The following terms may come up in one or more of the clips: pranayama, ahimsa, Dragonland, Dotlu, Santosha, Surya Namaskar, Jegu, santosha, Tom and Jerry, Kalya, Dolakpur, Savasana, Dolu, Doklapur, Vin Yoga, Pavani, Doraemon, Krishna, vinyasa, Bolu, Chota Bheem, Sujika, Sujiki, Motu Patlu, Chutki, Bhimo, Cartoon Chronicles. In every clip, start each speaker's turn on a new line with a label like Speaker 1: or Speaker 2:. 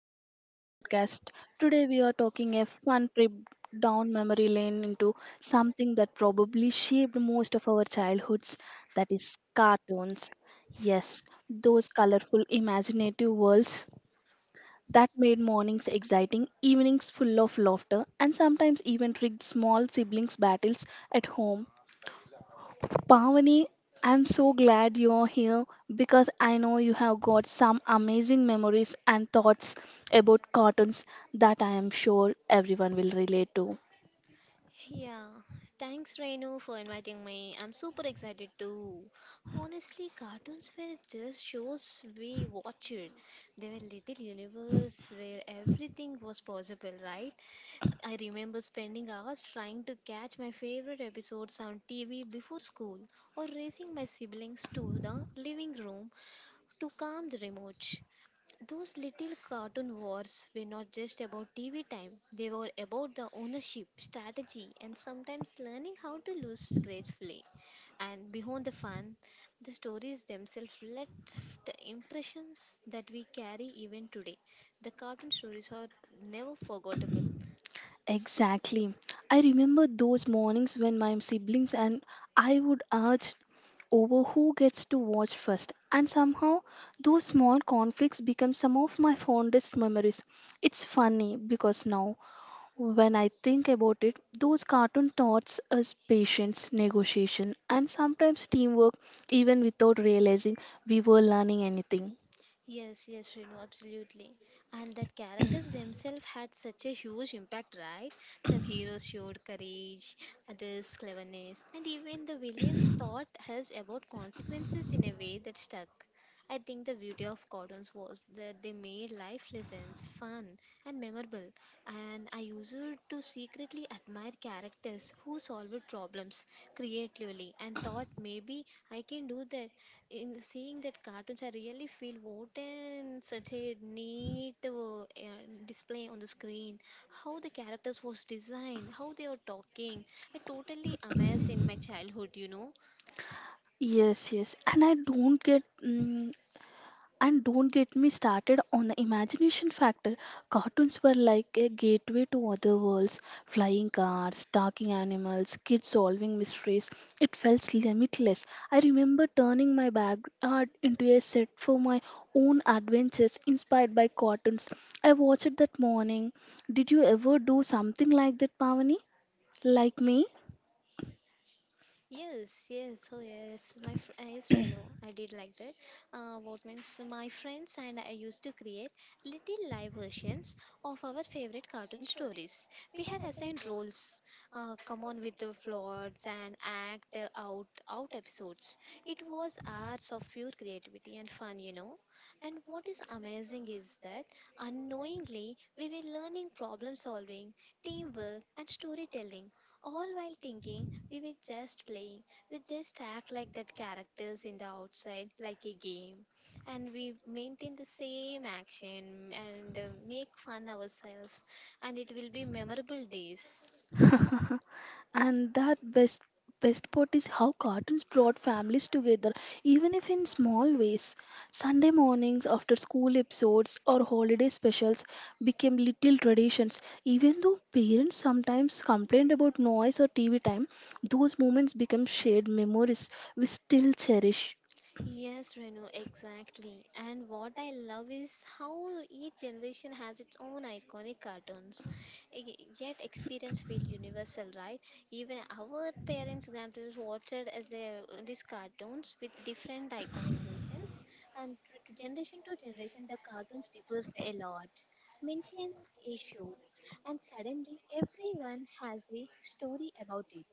Speaker 1: welcome back to the podcast. Today we are talking a fun trip down memory lane into something that probably shaped most of our childhoods, that is cartoons. Yes, those colorful imaginative worlds that made mornings exciting, evenings full of laughter, and sometimes even rigged small siblings battles at home. Pavani, I'm so glad you're here because I know you have got some amazing memories and thoughts about cartoons that I am sure everyone will relate to.
Speaker 2: Yeah, thanks Renu for inviting me. I'm super excited too. Honestly, cartoons were just shows we watched. They were little universe where everything was possible, right? I remember spending hours trying to catch my favorite episodes on TV before school or racing my siblings to the living room to calm the remote. Those little cartoon wars were not just about TV time, they were about the ownership, strategy, and sometimes learning how to lose gracefully. And beyond the fun, the stories themselves left impressions that we carry even today. The cartoon stories are never forgettable.
Speaker 1: Exactly. I remember those mornings when my siblings and I would urge over who gets to watch first, and somehow those small conflicts become some of my fondest memories. It's funny because now. When I think about it, those cartoon taught us patience, negotiation, and sometimes teamwork, even without realizing we were learning anything.
Speaker 2: Yes, yes, Renu, absolutely. And that characters themselves had such a huge impact, right? Some heroes showed courage, others cleverness, and even the villains taught us about consequences in a way that stuck. I think the beauty of cartoons was that they made life lessons fun and memorable, and I used to secretly admire characters who solved problems creatively and thought maybe I can do that in seeing that cartoons. I really feel what and such a neat display on the screen. How the characters was designed, how they are talking. I totally amazed in my childhood, you know.
Speaker 1: Yes, yes. And don't get me started on the imagination factor. Cartoons were like a gateway to other worlds: flying cars, talking animals, kids solving mysteries. It felt limitless. I remember turning my backyard into a set for my own adventures inspired by cartoons. I watched it that morning. Did you ever do something like that, Pavani? Like me?
Speaker 2: Yes, yes, oh yes, yes, Reno, I did like that. What means my friends and I used to create little live versions of our favorite cartoon stories. We had assigned roles, come on with the floods and act out episodes. It was hours of pure creativity and fun, you know. And what is amazing is that unknowingly we were learning problem solving, teamwork, and storytelling all while thinking we were just playing. We just act like that characters in the outside, like a game. And we maintain the same action and make fun ourselves. And it will be memorable days.
Speaker 1: And that best part is how cartoons brought families together, even if in small ways. Sunday mornings, after school episodes, or holiday specials became little traditions. Even though parents sometimes complained about noise or TV time, those moments become shared memories we still cherish.
Speaker 2: Yes, Renu, exactly. And what I love is how each generation has its own iconic cartoons. Yet experience feel universal, right? Even our parents, grandparents watched as a, these cartoons with different iconic faces. And but generation to generation, the cartoons differs a lot. Mention issue, and suddenly everyone has a story about it.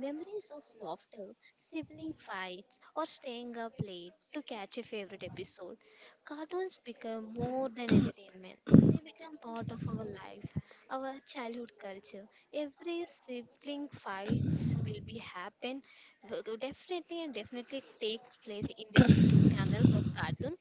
Speaker 2: Memories of laughter, sibling fights, or staying up late to catch a favorite episode. Cartoons become more than entertainment. They become part of our life, our childhood culture. Every sibling fights will be happen, will definitely and definitely take place in these TV channels of cartoon.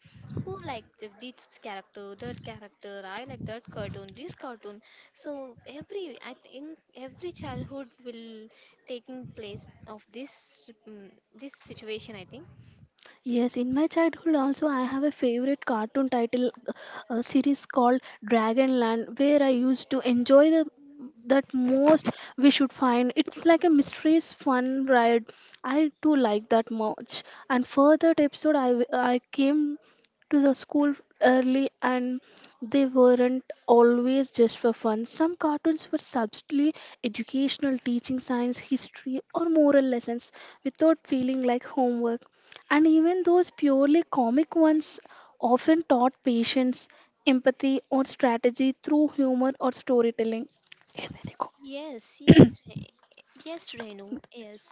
Speaker 2: Who like the, this character, that character, I like that cartoon, this cartoon. So every I think every childhood will taking place of this this situation I think.
Speaker 1: Yes, in my childhood also I have a favorite cartoon title, series called Dragonland, where I used to enjoy the that most. We should find it's like a mysterious fun ride. I do like that much. And for that episode, I came to the school early. And they weren't always just for fun. Some cartoons were subtly educational, teaching science, history, or moral lessons without feeling like homework. And even those purely comic ones often taught patience, empathy, or strategy through humor or storytelling. There you go.
Speaker 2: Yes, yes, yes, Renu, yes.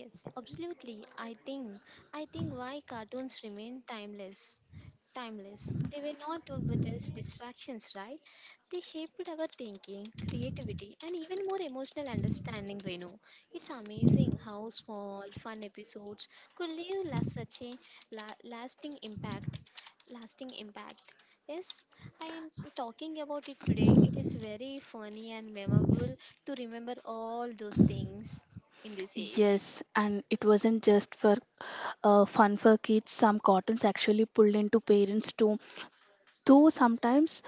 Speaker 2: Yes, absolutely. I think why cartoons remain timeless. Timeless. They were not with just distractions, right? They shaped our thinking, creativity, and even more emotional understanding, Renu. It's amazing how small, fun episodes could leave such a lasting impact. Lasting impact. Yes, I am talking about it today. It is very funny and memorable to remember all those things in this age.
Speaker 1: Yes, and it wasn't just for fun for kids. Some cartoons actually pulled into parents too, though sometimes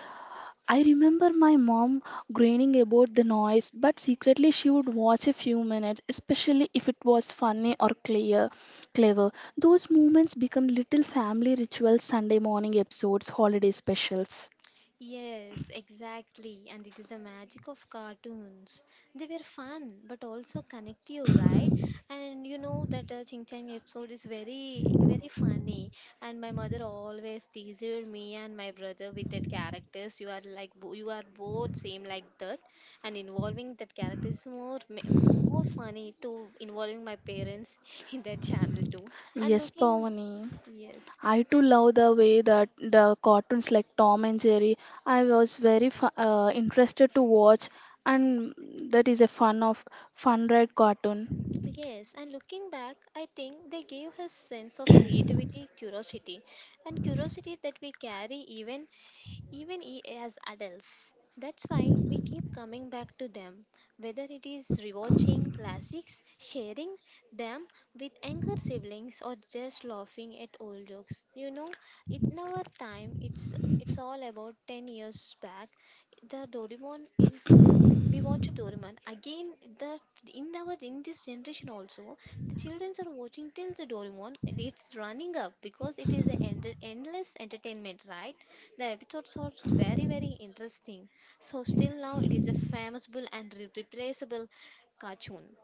Speaker 1: I remember my mom groaning about the noise, but secretly she would watch a few minutes, especially if it was funny or clever. Those moments become little family rituals, Sunday morning episodes, holiday specials.
Speaker 2: Yes, exactly. And it is the magic of cartoons. They were fun, but also connect you, right? And you know that Ching Chang episode is very, very funny. And my mother always teased me and my brother with that characters. You are like, you are both same like that. And involving that character is more, more funny to involving my parents in that channel too. And
Speaker 1: Yes,
Speaker 2: looking
Speaker 1: Pavani.
Speaker 2: Yes.
Speaker 1: I too
Speaker 2: And.
Speaker 1: love the way that the cartoons like Tom and Jerry. I was very interested to watch, and that is a fun red cartoon.
Speaker 2: Yes, and looking back, I think they gave his sense of creativity, curiosity, and curiosity that we carry even as adults. That's why we keep coming back to them, whether it is rewatching classics, sharing them with younger siblings, or just laughing at old jokes. You know, it in our time, it's all about 10 years back. The Doraemon is, we watch Doraemon again. The in our in this generation also, the children are watching till the Doraemon. It's running up because it is an endless entertainment, right? The episodes are very, very interesting. So, still now it is a famous and replaceable cartoon.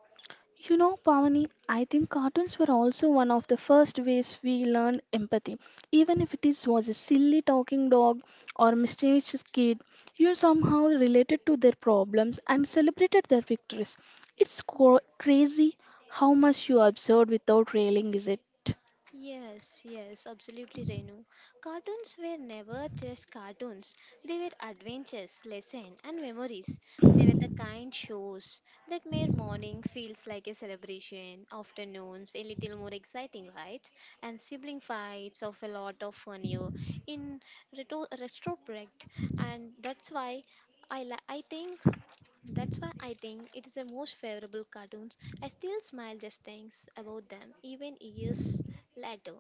Speaker 1: You know, Pavani, I think cartoons were also one of the first ways we learned empathy. Even if it was a silly talking dog or mischievous kid, you somehow related to their problems and celebrated their victories. It's crazy how much you observed without railing, is it?
Speaker 2: Yes, yes, absolutely, Renu. Cartoons were never just cartoons. They were adventures, lessons, and memories. They were the kind shows that made morning feels like a celebration, afternoons a little more exciting, right? And sibling fights of a lot of funnier in retrospect, and that's why I think that's why I think it is the most favorable cartoons. I still smile just thinks about them even years later.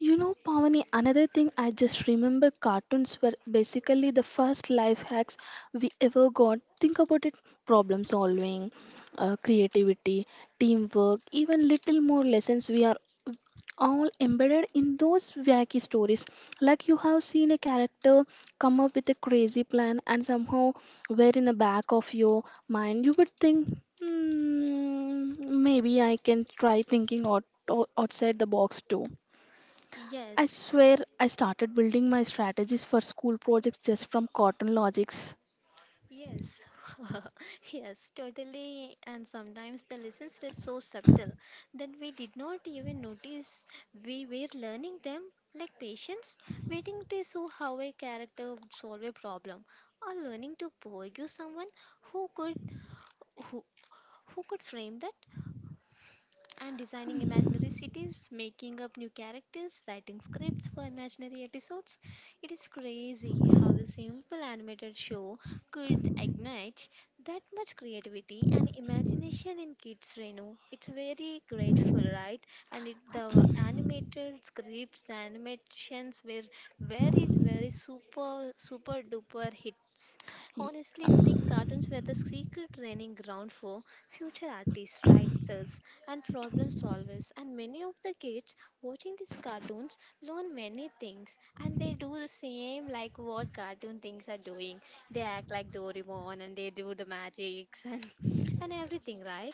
Speaker 1: You know, Pavani, another thing I just remember cartoons were basically the first life hacks we ever got. Think about it: problem solving, creativity, teamwork, even little more lessons we are all embedded in those wacky stories. Like you have seen a character come up with a crazy plan, and somehow, where in the back of your mind you would think, hmm, maybe I can try thinking outside the box too. I
Speaker 2: Yes.
Speaker 1: swear I started building my strategies for school projects just from Cotton Logics.
Speaker 2: Yes, yes, totally. And sometimes the lessons were so subtle that we did not even notice we were learning them, like patience, waiting to see how a character would solve a problem, or learning to forgive someone who could Who who could frame that? And designing imaginary cities, making up new characters, writing scripts for imaginary episodes. It is crazy how a simple animated show could ignite that much creativity and imagination in kids, Renu. It's very grateful, right? And it, the animated scripts, the animations were very, very super, super duper hits. Honestly,
Speaker 1: Y-
Speaker 2: think cartoons were the secret training ground for future artists, writers, and problem solvers. And many of the kids watching these cartoons learn many things and they do the same like what cartoon things are doing. They act like Doraemon and they do the magics and, and everything, right?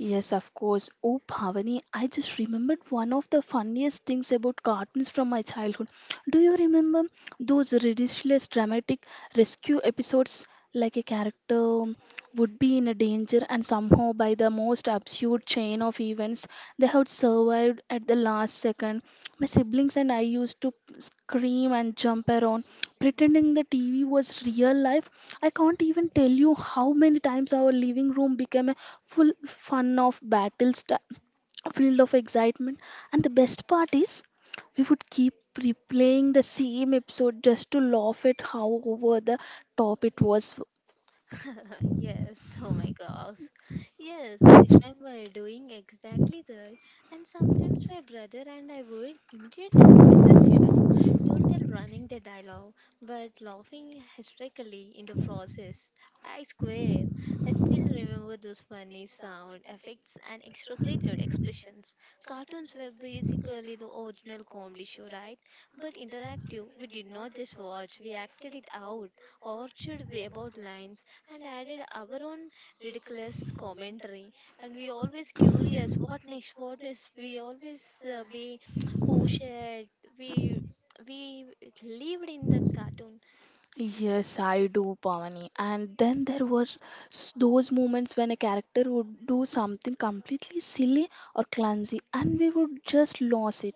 Speaker 1: Yes, of course. Oh, Bhavani, I just remembered one of the funniest things about cartoons from my childhood. Do you remember those ridiculous dramatic rescue episodes? Like a character would be in a danger, and somehow, by the most absurd chain of events, they had survived at the last second. My siblings and I used to scream and jump around, pretending the TV was real life. I can't even tell you how many times our living room became a full fun of battles, filled of excitement. And the best part is, we would keep replaying the same episode just to laugh at how over the top it was.
Speaker 2: Yes, oh my gosh. Yes, I remember doing exactly that. And sometimes my brother and I would imitate the voices, you know, total running the dialogue, but laughing hysterically in the process. I swear, I still remember those funny sound effects and exaggerated expressions. Cartoons were basically the original comedy show, right? But interactive, we did not just watch, we acted it out. Orchard way about lines and added our own ridiculous commentary. And we always curious, what next? What next? We always be, oh shit, we we lived in that cartoon.
Speaker 1: Yes, I do, Pavani. And then there was those moments when a character would do something completely silly or clumsy, and we would just lose it.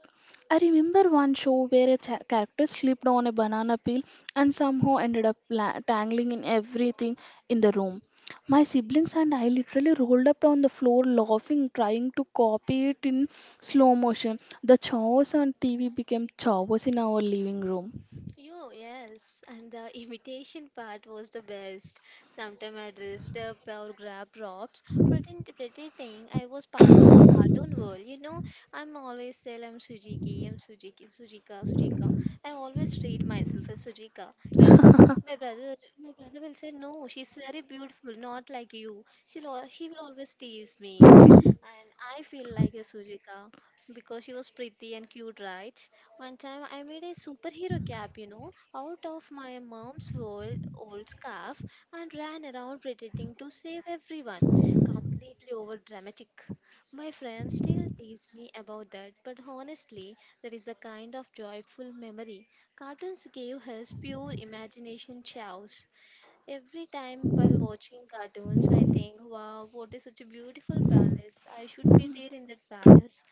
Speaker 1: I remember one show where a character slipped on a banana peel and somehow ended up tangling in everything in the room. My siblings and I literally rolled up on the floor laughing, trying to copy it in slow motion. The chaos on TV became chaos in our living room.
Speaker 2: Yo, yes, and the imitation part was the best. Sometimes I dressed up or grab props, pretending I was part of the cartoon world. You know, I'm always saying I'm Sujiki, I'm Sujiki, Sujika, Sujika. I always treat myself as Sujika. You know, my brother will say, no, she's very beautiful, not like you. He will always tease me. I feel like a Sujika because she was pretty and cute, right? One time I made a superhero cap, you know, out of my mom's old scarf and ran around pretending to save everyone. Completely over dramatic. My friends still tease me about that, but honestly, that is the kind of joyful memory cartoons gave us pure imagination chows. Every time while watching cartoons, I think, wow, what is such a beautiful palace. I should be there in that palace.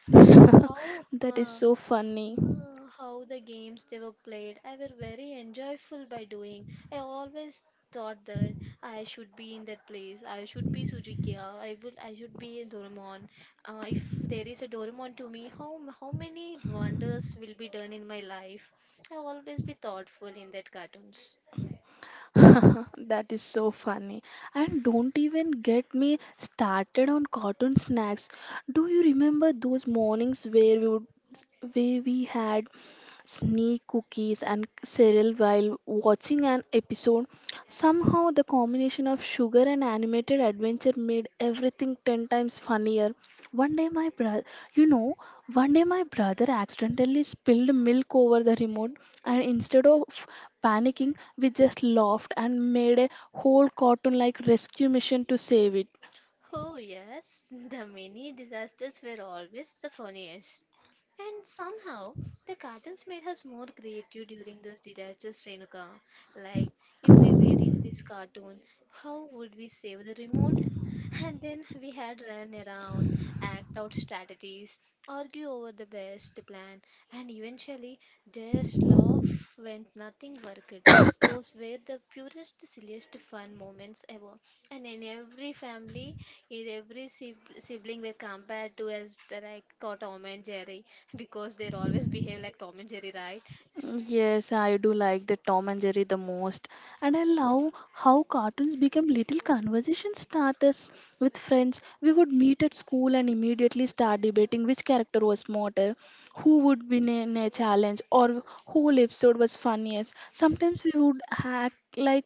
Speaker 2: And
Speaker 1: That is so funny.
Speaker 2: how the games they were played, I were very enjoyable by doing. I always thought that I should be in that place. I should be Suzuki. I would. I should be in Doraemon. If there is a Doraemon to me, how many wonders will be done in my life? I always be thoughtful in that cartoons.
Speaker 1: That is so funny. And don't even get me started on cotton snacks. Do you remember those mornings where we had sneak cookies and cereal while watching an episode? Somehow the combination of sugar and animated adventure made everything 10 times funnier. One day, my brother, you know, one day my brother accidentally spilled milk over the remote, and instead of panicking, we just laughed and made a whole cartoon like rescue mission to save it.
Speaker 2: Oh, yes, the mini disasters were always the funniest. And somehow, the cartoons made us more creative during those disasters, Renuka. Like, if we were in this cartoon, how would we save the remote? And then we had run around, act out strategies, argue over the best plan, and eventually just laugh when nothing worked. Those were the purest, silliest fun moments ever. And in every family, is every sibling were compared to as the, like Tom and Jerry because they're always behave like Tom and Jerry, right?
Speaker 1: Yes, I do like the Tom and Jerry the most, and I love how cartoons become little conversation starters with friends. We would meet at school and immediately start debating which character was smarter, who would win in a challenge, or whole episode was funniest. Sometimes we would act like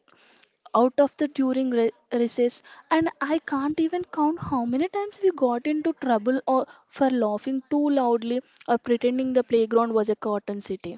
Speaker 1: out of the during recess, and I can't even count how many times we got into trouble or for laughing too loudly or pretending the playground was a cotton city.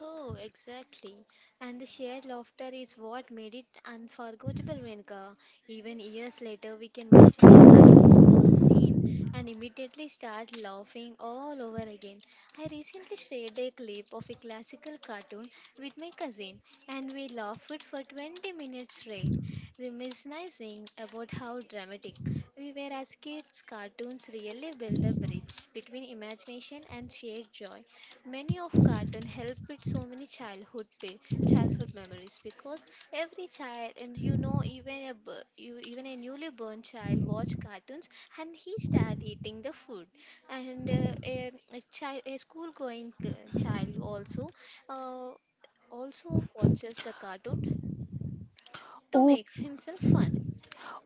Speaker 2: Oh, exactly. And the shared laughter is what made it unforgettable, Renika. Even years later, we can mention a line or scene and immediately start laughing all over again. I recently shared a clip of a classical cartoon with my cousin, and we laughed for 20 minutes straight, reminiscing about how dramatic we were as kids. Cartoons really build a bridge between imagination and shared joy. Many of cartoon help with so many childhood memories because every child and you know even a bu- you even a newly born child watch cartoons and he start eating the food and a child a school going child also uh, also watches the cartoon to
Speaker 1: Oh,
Speaker 2: make himself fun.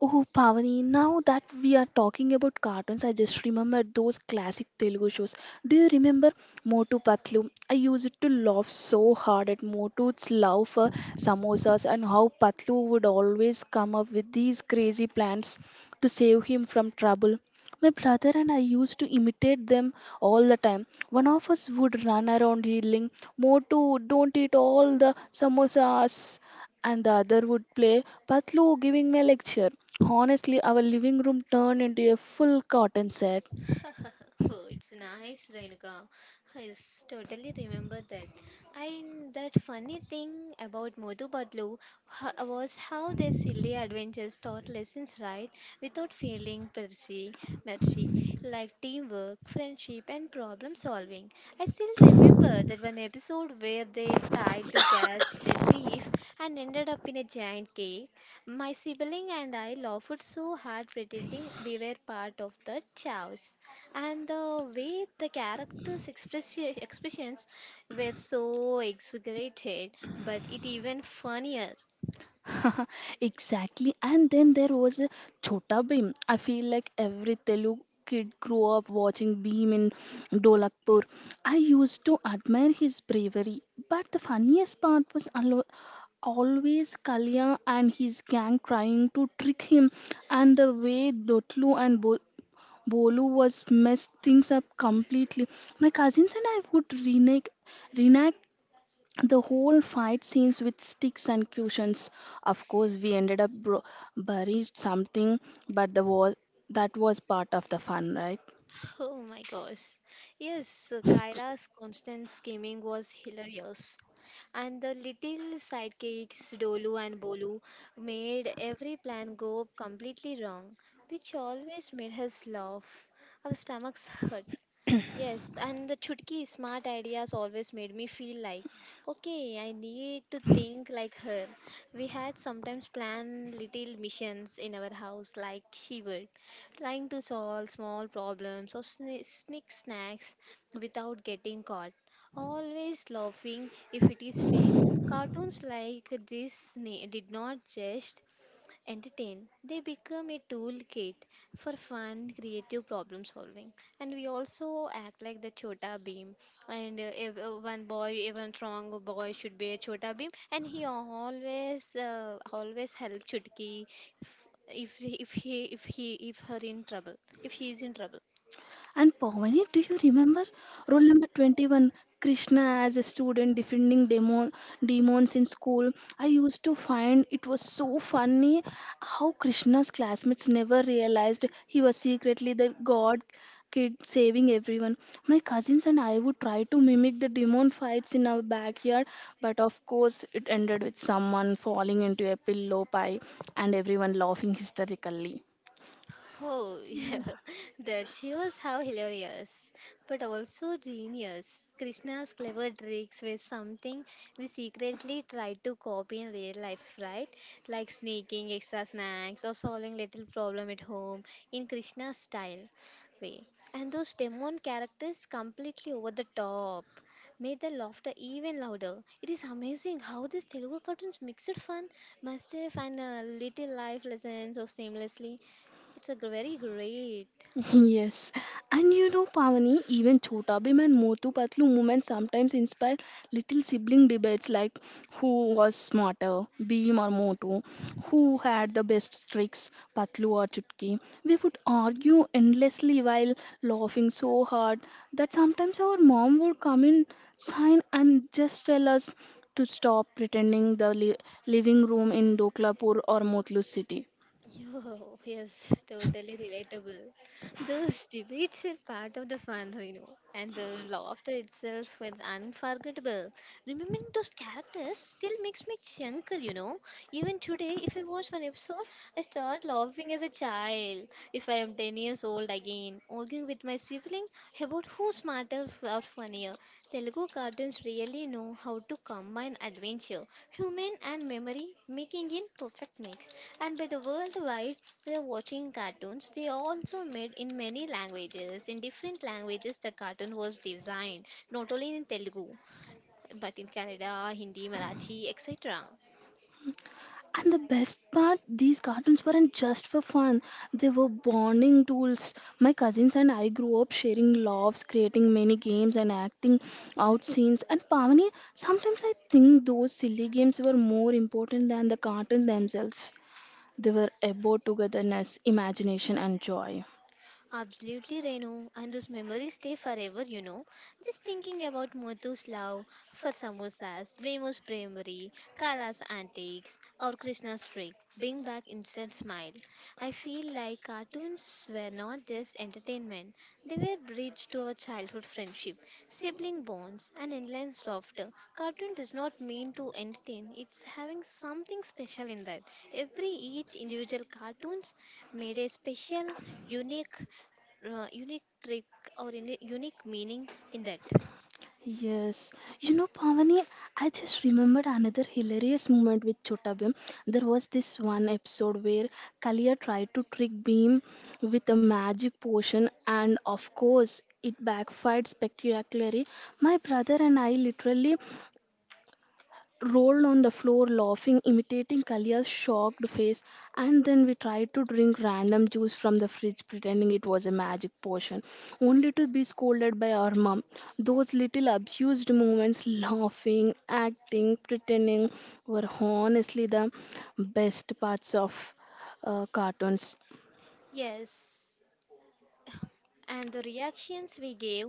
Speaker 1: oh, Pavani, now that we are talking about cartoons, I just remembered those classic Telugu shows. Do you remember Motu Patlu? I used to laugh so hard at Motu's love for samosas and how Patlu would always come up with these crazy plans to save him from trouble. My brother and I used to imitate them all the time. One of us would run around yelling, "Motu, don't eat all the samosas," and the other would play Patlu giving me a lecture. Honestly, our living room turned into a full cotton set.
Speaker 2: Oh, it's nice, Renuka. Yes, totally remember that. And that funny thing about Motu Patlu was how their silly adventures taught lessons right without feeling mercy, like teamwork, friendship, and problem solving. I still remember that one episode where they tried to catch a thief and ended up in a giant cave. My sibling and I laughed so hard pretending we were part of the chaos. And the way the expressions were so exaggerated, but it even funnier.
Speaker 1: Exactly. And then there was a Chota Bheem. I feel like every Telugu kid grew up watching Bheem in Dolakpur. I used to admire his bravery, but the funniest part was always Kalya and his gang trying to trick him, and the way Dotlu and Bolu was messed things up completely. My cousins and I would reenact the whole fight scenes with sticks and cushions. Of course, we ended up buried something, but the was that was part of the fun, right?
Speaker 2: Oh my gosh. Yes, Kyla's constant scheming was hilarious. And the little sidekicks, Dolu and Bolu, made every plan go completely wrong, which always made us laugh. Our stomachs hurt. Yes, and the chutki smart ideas always made me feel like, okay, I need to think like her. We had sometimes planned little missions in our house, like she would, trying to solve small problems or sneak snacks without getting caught. Always laughing if it is fail. Cartoons like this did not just entertain. They become a toolkit for fun, creative problem solving. And we also act like the chota beam. And if one boy, even strong boy, should be a chota beam, and he always, always help Chutki if her in trouble, if she is in trouble.
Speaker 1: And Pavani, do you remember rule number 21? Krishna as a student defending demons in school. I used to find it was so funny how Krishna's classmates never realized he was secretly the god kid saving everyone. My cousins and I would try to mimic the demon fights in our backyard, but of course, it ended with someone falling into a pillow pie and everyone laughing hysterically.
Speaker 2: Oh, yeah, that shows how hilarious, but also genius. Krishna's clever tricks were something we secretly tried to copy in real life, right? Like sneaking extra snacks or solving little problem at home in Krishna's style way. And those demon characters completely over the top made the laughter even louder. It is amazing how these Telugu cartoons mixed fun, mischief, and little life lessons so seamlessly. Very great.
Speaker 1: Yes, and you know, Pavani, even Chota Bhim and Motu Patlu movements sometimes inspire little sibling debates like who was smarter, Bhim or Motu, who had the best tricks, Patlu or Chutki. We would argue endlessly while laughing so hard that sometimes our mom would come in, sign, and just tell us to stop pretending the living room in Doklapur or Motlu city.
Speaker 2: Yo, yes, totally relatable. Those debates were part of the fun, and the laughter itself was unforgettable. Remembering those characters still makes me chuckle. Even today, if I watch one episode, I start laughing as a child. If I am 10 years old again, arguing with my sibling about who's smarter or funnier. Telugu cartoons really know how to combine adventure, human, and memory, making it perfect mix. And by the worldwide they're watching cartoons. They are also made in many languages. In different languages, the cartoon was designed, not only in Telugu, but in Kannada, Hindi, Marathi, etc.
Speaker 1: And the best part, these cartoons weren't just for fun, they were bonding tools. My cousins and I grew up sharing laughs, creating many games, and acting out scenes. And Pavani, sometimes I think those silly games were more important than the cartoons themselves. They were about togetherness, imagination, and joy.
Speaker 2: Absolutely, Renu, and those memories stay forever. Just thinking about Muthu's love for samosas, Remu's bravery, Kala's antics, or Krishna's freak bring back instant smile. I feel like cartoons were not just entertainment; they were bridge to our childhood friendship, sibling bonds, and endless laughter. Cartoon does not mean to entertain; it's having something special in that. Every each individual cartoons made a special unique unique trick or in unique meaning in that.
Speaker 1: Yes, you know, Pavani, I just remembered another hilarious moment with Chota Bhim. There was this one episode where Kalia tried to trick Beam with a magic potion, and of course, it backfired spectacularly. My brother and I literally rolled on the floor laughing, imitating Kalia's shocked face, and then we tried to drink random juice from the fridge, pretending it was a magic potion, only to be scolded by our mom. Those little abused moments, laughing, acting, pretending, were honestly the best parts of cartoons.
Speaker 2: Yes, and the reactions we gave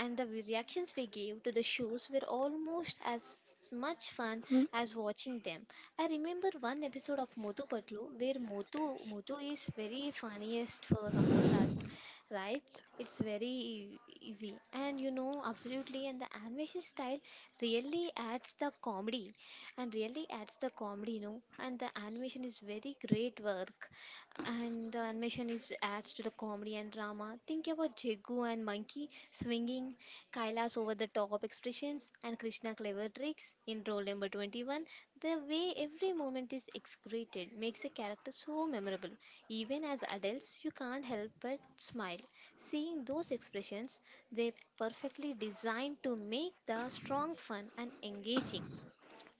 Speaker 2: and the reactions we gave to the shows were almost as much fun
Speaker 1: Hmm?
Speaker 2: as watching them. I remember one episode of motu patlu where motu is very funniest for samosas, right? it's very e, easy, and absolutely. And the animation style really adds the comedy and really adds the comedy, and the animation is very great work. And the animation is adds to the comedy and drama. Think about Jegu and Monkey swinging, Kaila's over the top expressions, and Krishna clever tricks in role number 21. The way every moment is excreted makes a character so memorable. Even as adults, you can't help but smile. Seeing those expressions, they perfectly designed to make the strong fun and engaging.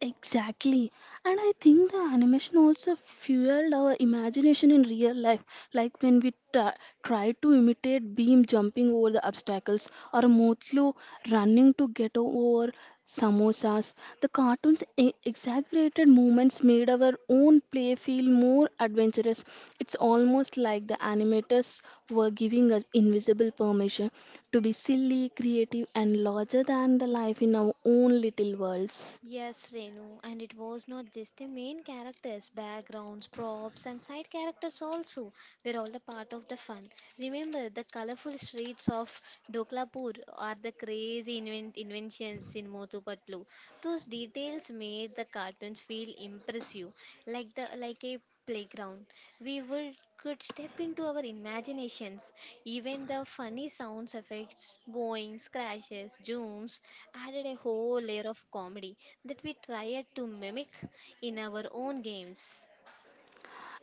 Speaker 1: Exactly. And I think the animation also fueled our imagination in real life, like when we tried to imitate Beam jumping over the obstacles or Motlu running to get over samosas. The cartoon's exaggerated movements made our own play feel more adventurous. It's almost like the animators were giving us invisible permission to be silly, creative, and larger than the life in our own little worlds.
Speaker 2: Yes, Renu, and it was not just the main characters, backgrounds, props, and side characters also were all the part of the fun. Remember, the colorful streets of Doklapur or the crazy inventions in Motupatlu. Those details made the cartoons feel impressive, like the like a playground. We would could step into our imaginations. Even the funny sounds effects, boings, crashes, zooms added a whole layer of comedy that we try to mimic in our own games.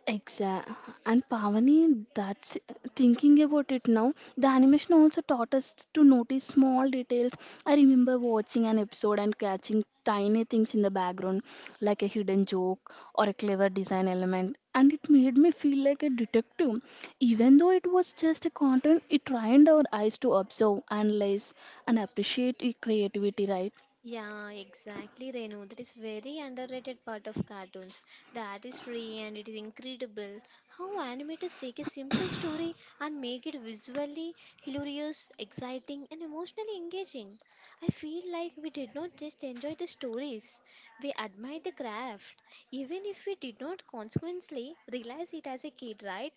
Speaker 1: Exactly. And Pavani, that's thinking about it now, the animation also taught us to notice small details. I remember watching an episode and catching tiny things in the background, like a hidden joke or a clever design element, and it made me feel like a detective. Even though it was just a content, it trained our eyes to observe, analyze, and appreciate creativity, right?
Speaker 2: Yeah, exactly, Renu. That is very underrated part of cartoons. The artistry and it is incredible how animators take a simple story and make it visually hilarious, exciting, and emotionally engaging. I feel like we did not just enjoy the stories; we admired the craft, even if we did not consequently realize it as a kid, right?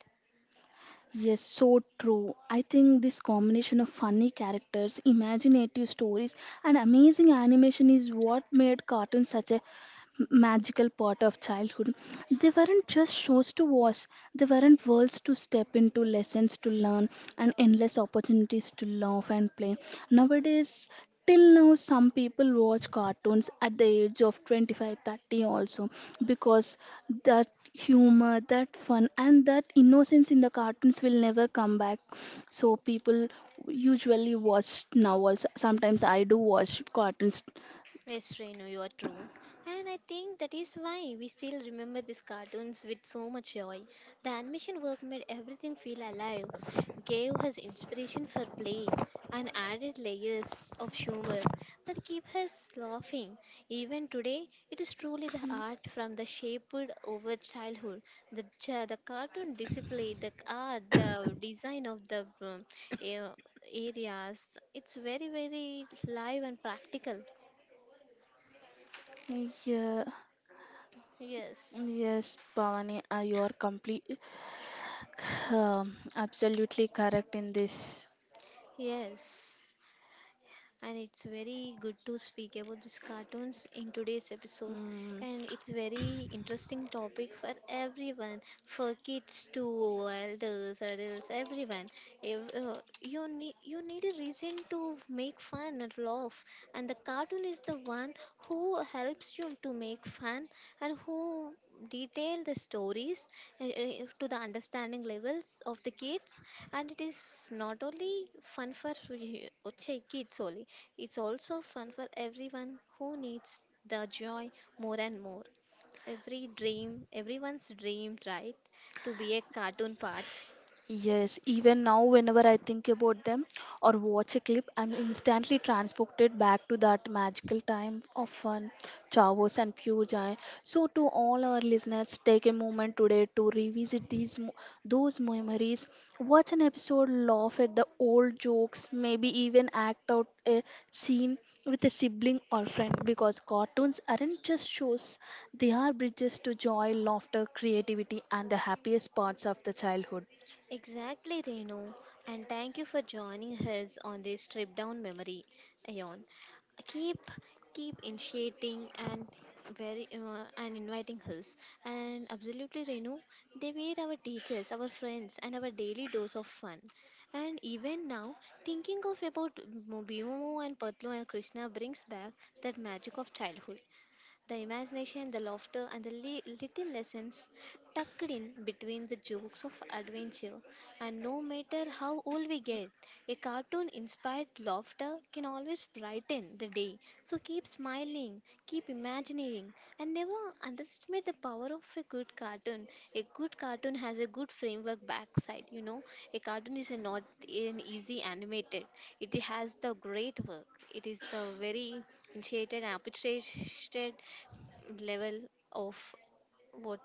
Speaker 1: Yes, so true. I think this combination of funny characters, imaginative stories, and amazing animation is what made cartoons such a magical part of childhood. They weren't just shows to watch, they weren't worlds to step into, lessons to learn, and endless opportunities to laugh and play. Nowadays, till now, some people watch cartoons at the age of 25, 30, also, because that humor, that fun, and that innocence in the cartoons will never come back. So, people usually watch now also. Sometimes I do watch cartoons.
Speaker 2: Yes, Renu, you are true. And I think that is why we still remember these cartoons with so much joy. The animation work made everything feel alive, gave us inspiration for play, and added layers of humor that keep us laughing. Even today, it is truly the art from the shaped over childhood. The cartoon display, the art, the design of the a- areas, it's very, very live and practical.
Speaker 1: Yeah.
Speaker 2: Yes.
Speaker 1: Yes, Bhavani, you are um, absolutely correct in this.
Speaker 2: Yes. And it's very good to speak about these cartoons in today's episode.
Speaker 1: Mm,
Speaker 2: And it's very interesting topic for everyone, for kids to elders, adults, everyone. If, you need a reason to make fun and laugh, and the cartoon is the one who helps you to make fun and who detail the stories to the understanding levels of the kids, and it is not only fun for kids only. It's also fun for everyone who needs the joy more and more. Every dream, everyone's dream, right? To be a cartoon part.
Speaker 1: yes, even now, whenever I think about them or watch a clip, I'm instantly transported back to that magical time of fun, chavos, and pure joy. So, to all our listeners, take a moment today to revisit those memories. Watch an episode, laugh at the old jokes, maybe even act out a scene with a sibling or friend, because cartoons aren't just shows, they are bridges to joy, laughter, creativity, and the happiest parts of the childhood.
Speaker 2: Exactly, Renu, and thank you for joining us on this trip down memory lane. Keep keep initiating and very and inviting us. And absolutely, Renu, they were our teachers, our friends, and our daily dose of fun. And even now, thinking of about Bhimo and Patlu and Krishna brings back that magic of childhood. The imagination, the laughter, and the little lessons tucked in between the jokes of adventure. And no matter how old we get, a cartoon inspired laughter can always brighten the day. So keep smiling, keep imagining, and never underestimate the power of a good cartoon. A good cartoon has a good framework backside, you know. A cartoon is a not an easy animated. It has the great work. It is the very initiated and appreciated level of what.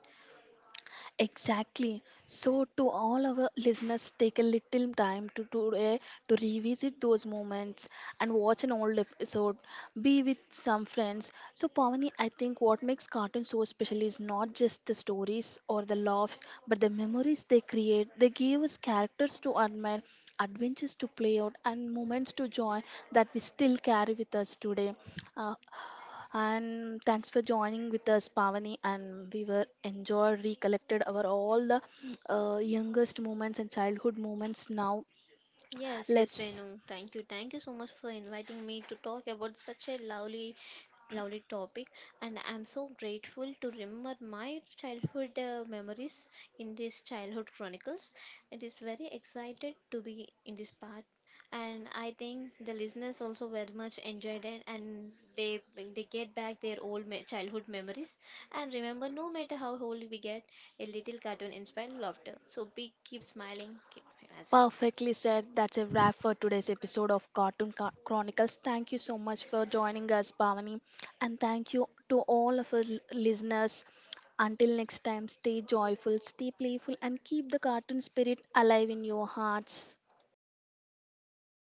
Speaker 1: Exactly. So, to all our listeners, take a little time to today to revisit those moments and watch an old episode. Be with some friends. So, Pavani, I think what makes cartoons so special is not just the stories or the laughs, but the memories they create. They give us characters to admire, adventures to play out, and moments to joy that we still carry with us today. Uh, and thanks for joining with us, Pavani, and we were enjoyed recollected our all the youngest moments and childhood moments now.
Speaker 2: Yes. Yes,
Speaker 1: Let's
Speaker 2: Renu, thank you. So much for inviting me to talk about such a lovely topic, and I'm so grateful to remember my childhood memories in this childhood chronicles. It is very excited to be in this part, and I think the listeners also very much enjoyed it, and they they get back their childhood memories. And remember, no matter how old we get, a little cartoon inspired laughter. So be keep smiling, keep imagining.
Speaker 1: perfectly said, that's a wrap for today's episode of Cartoon Chronicles. Thank you so much for joining us, Pavani, and thank you to all of our listeners. Until next time, stay joyful, stay playful, and keep the cartoon spirit alive in your hearts.